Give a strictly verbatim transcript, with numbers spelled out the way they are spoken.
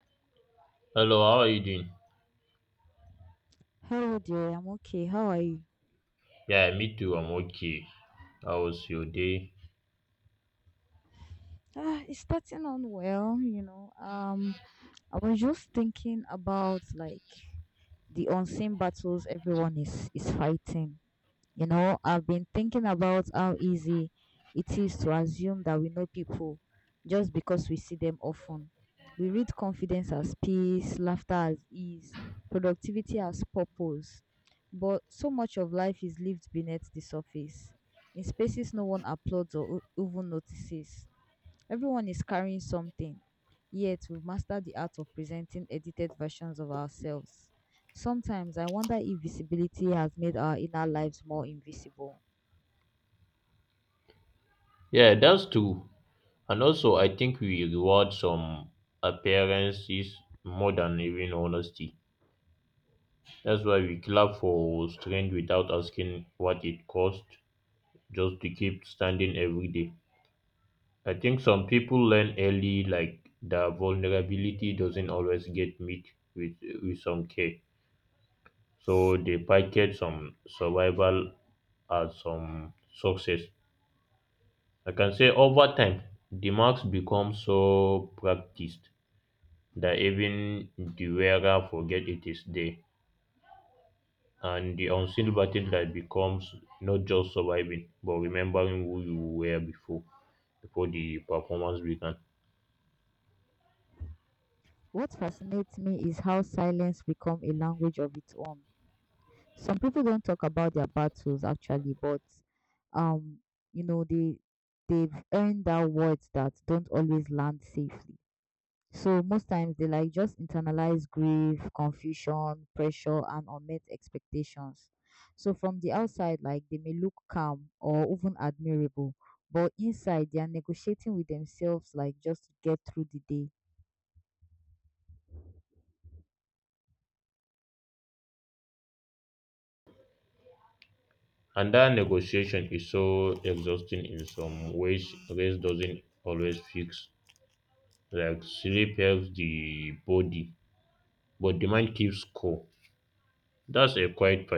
Hello, how are you doing? Hello dear, I'm okay. How are you? Yeah, me too. I'm okay. How was your day? Ah, it's starting on well, you know. Um, I was just thinking about like the unseen battles everyone is is fighting. You know, I've been thinking about how easy it is to assume that we know people just because we see them often. We read confidence as peace, laughter as ease, productivity as purpose. But so much of life is lived beneath the surface, in spaces no one applauds or o- even notices. Everyone is carrying something, yet we've mastered the art of presenting edited versions of ourselves. Sometimes I wonder if visibility has made our inner lives more invisible. Yeah, that's true. And also, I think we reward some appearances more than even honesty. That's why we clap for strength without asking what it cost, just to keep standing every day. I think some people learn early, like their vulnerability doesn't always get met with with some care, so they package some survival as some success. I can say over time, the marks become so practiced that even the wearer forget it is there, and the unseen battle that becomes not just surviving but remembering who you were before before the performance began. What fascinates me is how silence becomes a language of its own. Some people don't talk about their battles actually, but um, you know, they they've earned out words that don't always land safely. So most times they like just internalize grief, confusion, pressure, and unmet expectations. So from the outside, like they may look calm or even admirable, but inside they are negotiating with themselves, like just to get through the day. And that negotiation is so exhausting in some ways. Rest doesn't always fix. Like sleep helps the body, but the mind keeps score. That's a quiet